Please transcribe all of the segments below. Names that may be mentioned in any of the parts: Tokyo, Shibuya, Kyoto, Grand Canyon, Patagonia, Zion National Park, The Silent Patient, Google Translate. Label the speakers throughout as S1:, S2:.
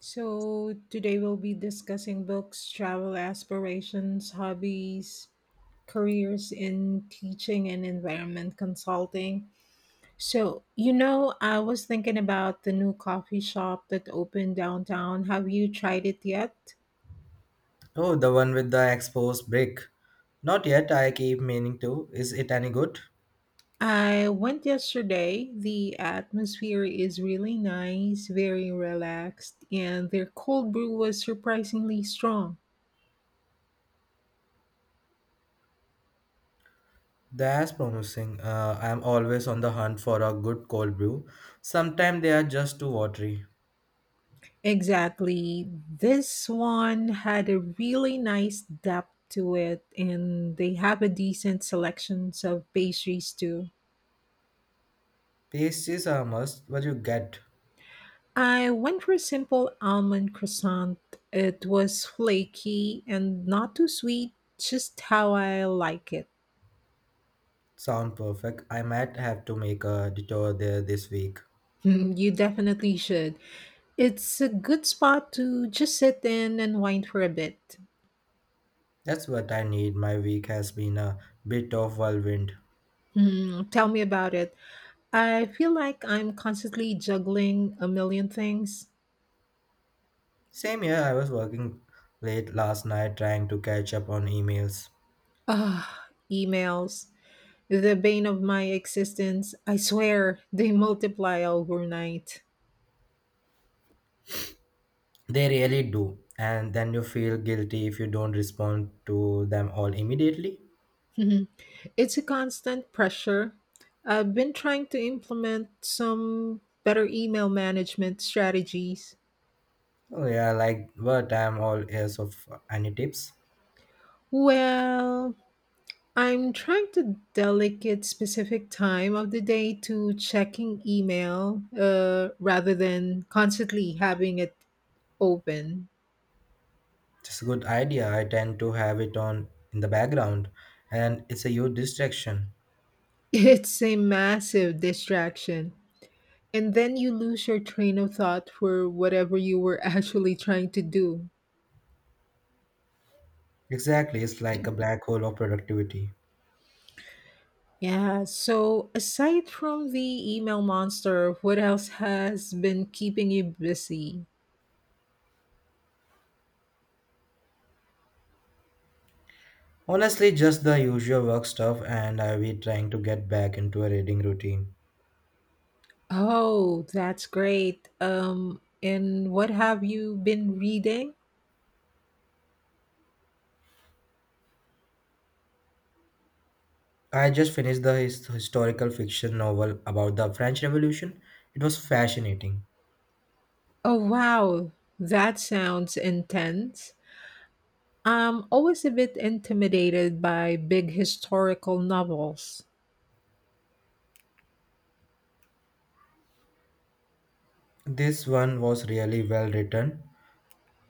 S1: So, today we'll be discussing books, travel aspirations, hobbies, careers in teaching and environment consulting. So, you know, I was thinking about the new coffee shop that opened downtown. Have you tried it yet?
S2: Oh, the one with the exposed brick. Not yet, I keep meaning to. Is it any good?
S1: I went yesterday. The atmosphere is really nice, very relaxed, and their cold brew was surprisingly strong.
S2: That's promising. I'm always on the hunt for a good cold brew. Sometimes they are just too watery.
S1: Exactly. This one had a really nice depth to it, and they have a decent selections of pastries too.
S2: Pastries are a must, but you get
S1: I went for a simple almond croissant. It was flaky and not too sweet, just how I like it.
S2: sound perfect. I might have to make a detour there this week.
S1: Mm, you definitely should. It's a good spot to just sit in and wind for a bit.
S2: That's what I need. My week has been a bit of whirlwind.
S1: Hmm, tell me about it. I feel like I'm constantly juggling a million things.
S2: Same here, I was working late last night trying to catch up on emails.
S1: Ah, emails, the bane of my existence. I swear they multiply overnight.
S2: They really do. And then you feel guilty if you don't respond to them all immediately.
S1: Mhm. It's a constant pressure. I've been trying to implement some better email management strategies.
S2: Oh, yeah, like what? I'm all ears of any tips.
S1: Well, I'm trying to delegate specific time of the day to checking email rather than constantly having it open.
S2: It's a good idea. I tend to have it on in the background, and it's a huge distraction.
S1: It's a massive distraction. And then you lose your train of thought for whatever you were actually trying to do.
S2: Exactly, it's like a black hole of productivity.
S1: Yeah, so aside from the email monster, what else has been keeping you busy?
S2: Honestly, just the usual work stuff, and I'll be trying to get back into a reading routine.
S1: Oh, that's great. And what have you been reading?
S2: I just finished the historical fiction novel about the French Revolution. It was fascinating.
S1: Oh, wow, that sounds intense. I'm always a bit intimidated by big historical novels.
S2: This one was really well written,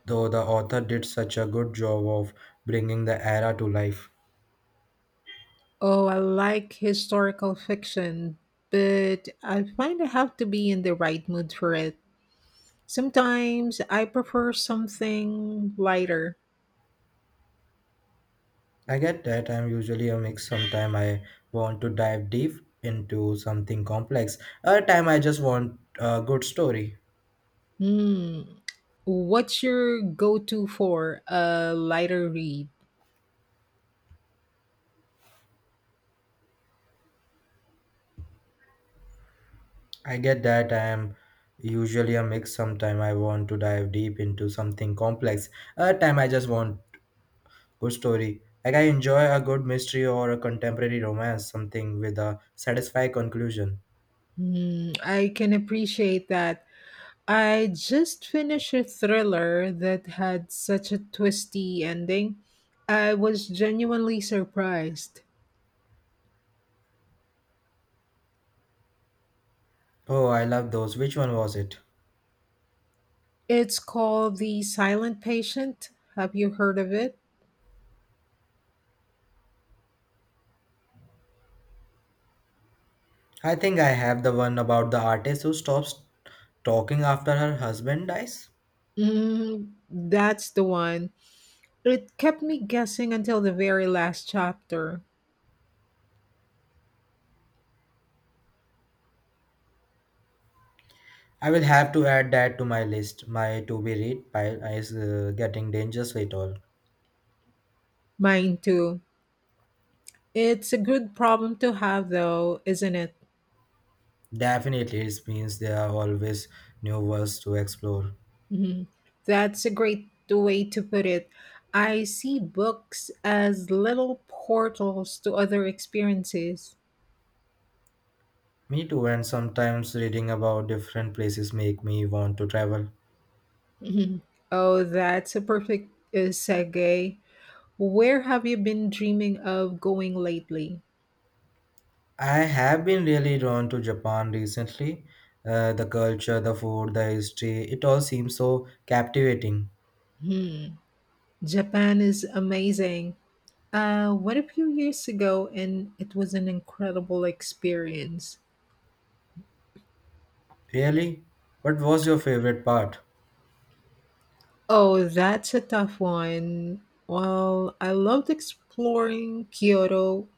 S2: though the author did such a good job of bringing the era to life.
S1: Oh, I like historical fiction, but I find I have to be in the right mood for it. Sometimes I prefer something lighter.
S2: I get that I'm usually a mix. Sometimes I want to dive deep into something complex. Other time I just want a good story.
S1: Hmm. What's your go to for a lighter read?
S2: I get that I'm usually a mix. Sometimes I want to dive deep into something complex. Other time I just want good story. Like I enjoy a good mystery or a contemporary romance, something with a satisfying conclusion.
S1: Hmm. I can appreciate that. I just finished a thriller that had such a twisty ending. I was genuinely surprised.
S2: Oh, I love those. Which one was it?
S1: It's called The Silent Patient. Have you heard of it?
S2: I think I have the one about the artist who stops talking after her husband dies.
S1: Mm, that's the one. It kept me guessing until the very last chapter.
S2: I will have to add that to my list. My to be read pile is getting dangerously tall.
S1: Mine too. It's a good problem to have, though, isn't it?
S2: Definitely, it means there are always new worlds to explore.
S1: Mhm. That's a great way to put it. I see books as little portals to other experiences.
S2: Me too, and sometimes reading about different places make me want to travel.
S1: Mhm. Oh, that's a perfect segue. Where have you been dreaming of going lately?
S2: I have been really drawn to Japan recently. The culture, the food, the history, it all seems so captivating.
S1: Hmm. Japan is amazing. What a few years ago, and it was an incredible experience.
S2: Really? What was your favorite part?
S1: Oh, that's a tough one. Well, I loved exploring Kyoto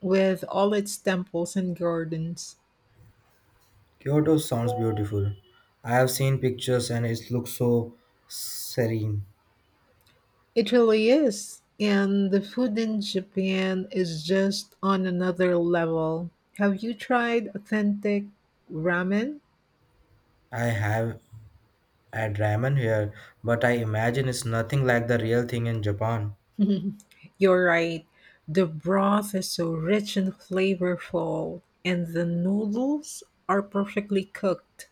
S1: with all its temples and gardens.
S2: Kyoto sounds beautiful. I have seen pictures and it looks so serene.
S1: It really is. And the food in Japan is just on another level. Have you tried authentic ramen?
S2: I have had ramen here, but I imagine it's nothing like the real thing in Japan.
S1: Mhm. You're right. The broth is so rich and flavorful, and the noodles are perfectly cooked.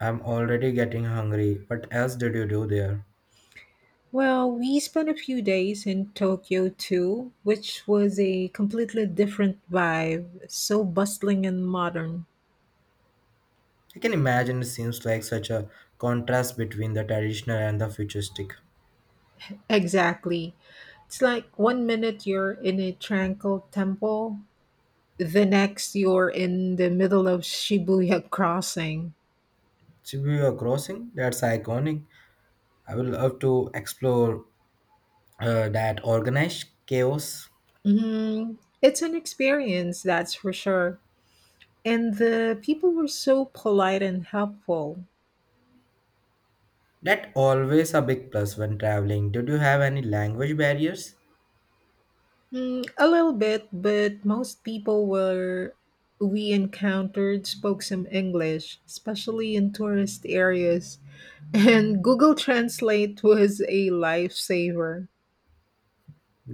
S2: I'm already getting hungry. What else did you do there?
S1: Well, we spent a few days in Tokyo too, which was a completely different vibe, so bustling and modern.
S2: I can imagine it seems like such a contrast between the traditional and the futuristic.
S1: Exactly. It's like one minute you're in a tranquil temple, the next you're in the middle of Shibuya crossing.
S2: Shibuya Crossing, that's iconic. I would love to explore that organized chaos.
S1: Hmm. It's an experience, that's for sure. And the people were so polite and helpful.
S2: That always a big plus when traveling. Did you have any language barriers?
S1: Mm, a little bit, but most people were we encountered spoke some English, especially in tourist areas. And Google Translate was a lifesaver.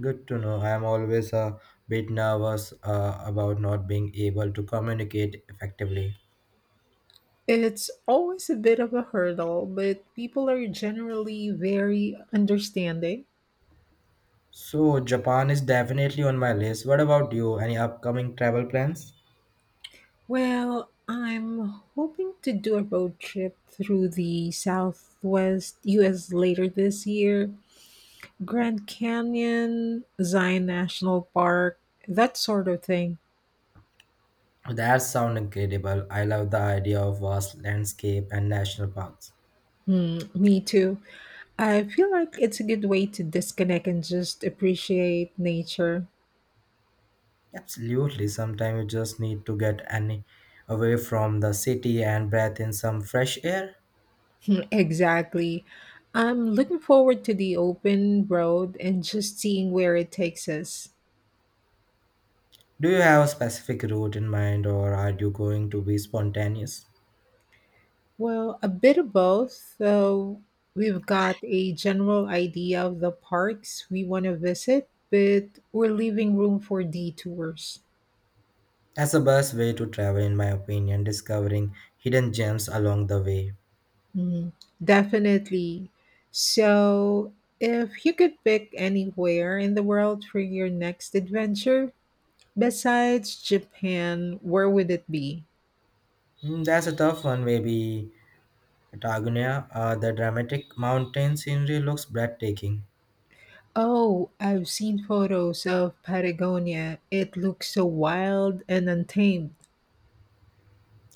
S2: Good to know. I'm always a bit nervous about not being able to communicate effectively.
S1: It's always a bit of a hurdle, but people are generally very understanding.
S2: So Japan is definitely on my list. What about you? Any upcoming travel plans?
S1: Well, I'm hoping to do a road trip through the Southwest US later this year. Grand Canyon, Zion National Park, that sort of thing.
S2: That sounds incredible. I love the idea of vast landscape and national parks.
S1: Hmm, me too. I feel like it's a good way to disconnect and just appreciate nature.
S2: Absolutely. Sometimes you just need to get any away from the city and breathe in some fresh air.
S1: Hmm, exactly. I'm looking forward to the open road and just seeing where it takes us.
S2: Do you have a specific route in mind or are you going to be spontaneous?
S1: Well, a bit of both, though we've got a general idea of the parks we want to visit, but we're leaving room for detours.
S2: That's the best way to travel, in my opinion, discovering hidden gems along the way.
S1: Mm, definitely. So, if you could pick anywhere in the world for your next adventure besides Japan, where would it be?
S2: Mm, that's a tough one, maybe Patagonia. The dramatic mountain scenery looks breathtaking.
S1: Oh, I've seen photos of Patagonia. It looks so wild and untamed.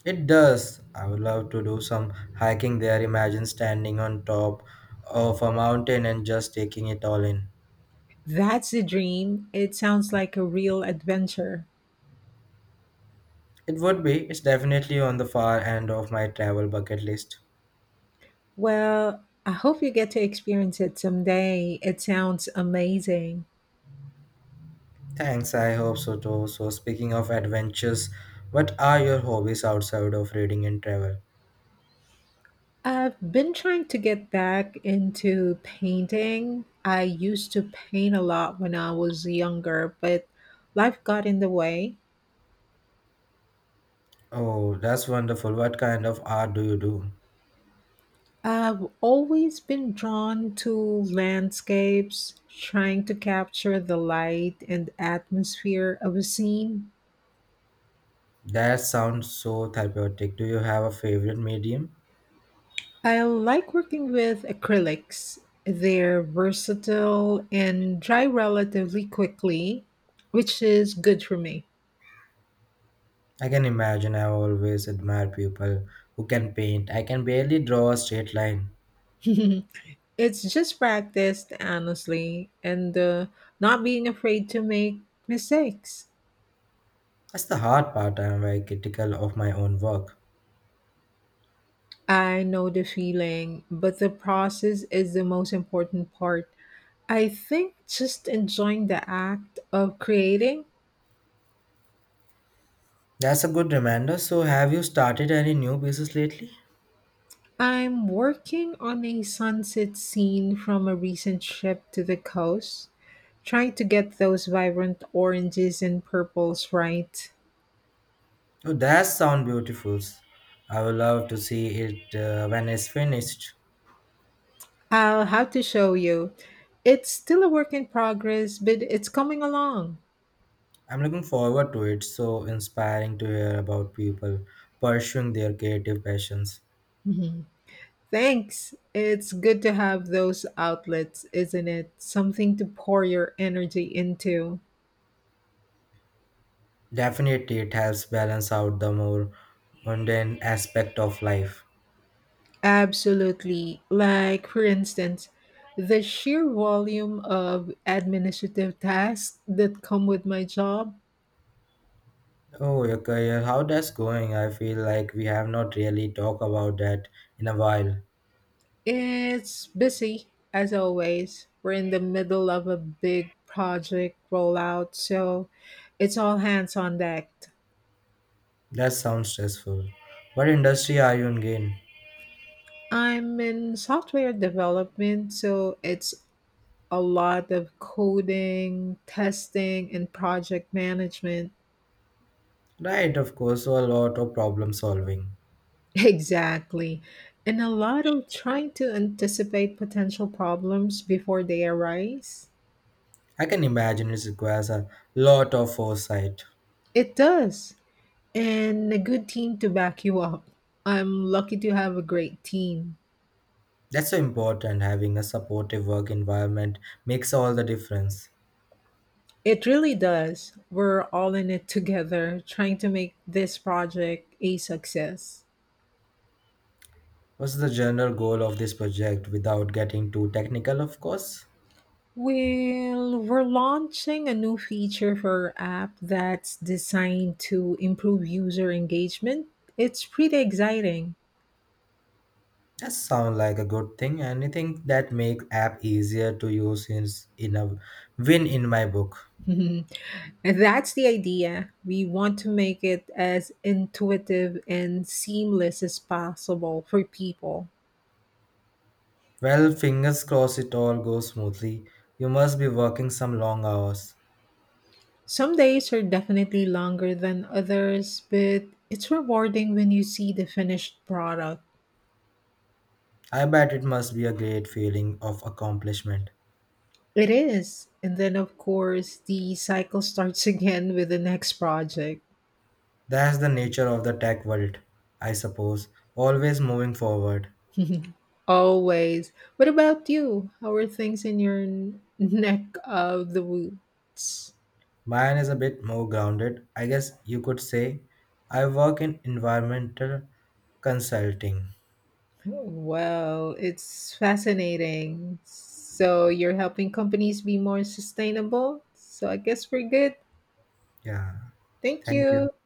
S2: It does. I would love to do some hiking there. Imagine standing on top of a mountain and just taking it all in.
S1: That's the dream. It sounds like a real adventure.
S2: It would be, it's definitely on the far end of my travel bucket list.
S1: Well, I hope you get to experience it someday. It sounds amazing.
S2: Thanks, I hope so too. So, speaking of adventures, what are your hobbies outside of reading and travel?
S1: I've been trying to get back into painting. I used to paint a lot when I was younger, but life got in the way.
S2: Oh, that's wonderful. What kind of art do you do?
S1: I've always been drawn to landscapes, trying to capture the light and atmosphere of a scene.
S2: That sounds so therapeutic. Do you have a favorite medium?
S1: I like working with acrylics. They're versatile and dry relatively quickly, which is good for me.
S2: I can imagine I always admire people who can paint. I can barely draw a straight line.
S1: It's just practice, honestly, and not being afraid to make mistakes.
S2: That's the hard part. I am very critical of my own work.
S1: I know the feeling, but the process is the most important part. I think just enjoying the act of creating.
S2: That's a good reminder. So, have you started any new pieces lately?
S1: I'm working on a sunset scene from a recent trip to the coast, trying to get those vibrant oranges and purples right.
S2: Oh, that sound beautiful. I would love to see it when it's finished.
S1: I'll have to show you. It's still a work in progress, but it's coming along.
S2: I'm looking forward to it. So inspiring to hear about people pursuing their creative passions.
S1: Mhm. Thanks. It's good to have those outlets, isn't it? Something to pour your energy into.
S2: Definitely, it helps balance out the more mundane aspect of life.
S1: Absolutely. Like, for instance, the sheer volume of administrative tasks that come with my job.
S2: Oh, your career, how that's going? I feel like we have not really talked about that in a while.
S1: It's busy, as always. We're in the middle of a big project rollout, so it's all hands on deck.
S2: That sounds stressful. What industry are you in? Again?
S1: I'm in software development, so it's a lot of coding, testing, and project management.
S2: Right, of course, so a lot of problem solving.
S1: Exactly. And a lot of trying to anticipate potential problems before they arise.
S2: I can imagine it requires a lot of foresight.
S1: It does. And a good team to back you up. I'm lucky to have a great team.
S2: That's so important. Having a supportive work environment makes all the difference.
S1: It really does. We're all in it together, trying to make this project a success.
S2: What's the general goal of this project without getting too technical, of course?
S1: Well, we're launching a new feature for our app that's designed to improve user engagement. It's pretty exciting.
S2: That sounds like a good thing. Anything that makes app easier to use is in a win in my book.
S1: And that's the idea. We want to make it as intuitive and seamless as possible for people.
S2: Well, fingers crossed it all goes smoothly. You must be working some long hours.
S1: Some days are definitely longer than others, but it's rewarding when you see the finished product.
S2: I bet it must be a great feeling of accomplishment.
S1: It is. And then, of course, the cycle starts again with the next project.
S2: That's the nature of the tech world, I suppose, always moving forward.
S1: Always. What about you? How are things in your neck of the woods?
S2: Mine is a bit more grounded. I guess you could say I work in environmental consulting.
S1: Well, it's fascinating. So, you're helping companies be more sustainable. So, I guess we're good.
S2: Yeah.
S1: Thank
S2: Thank
S1: you.
S2: you.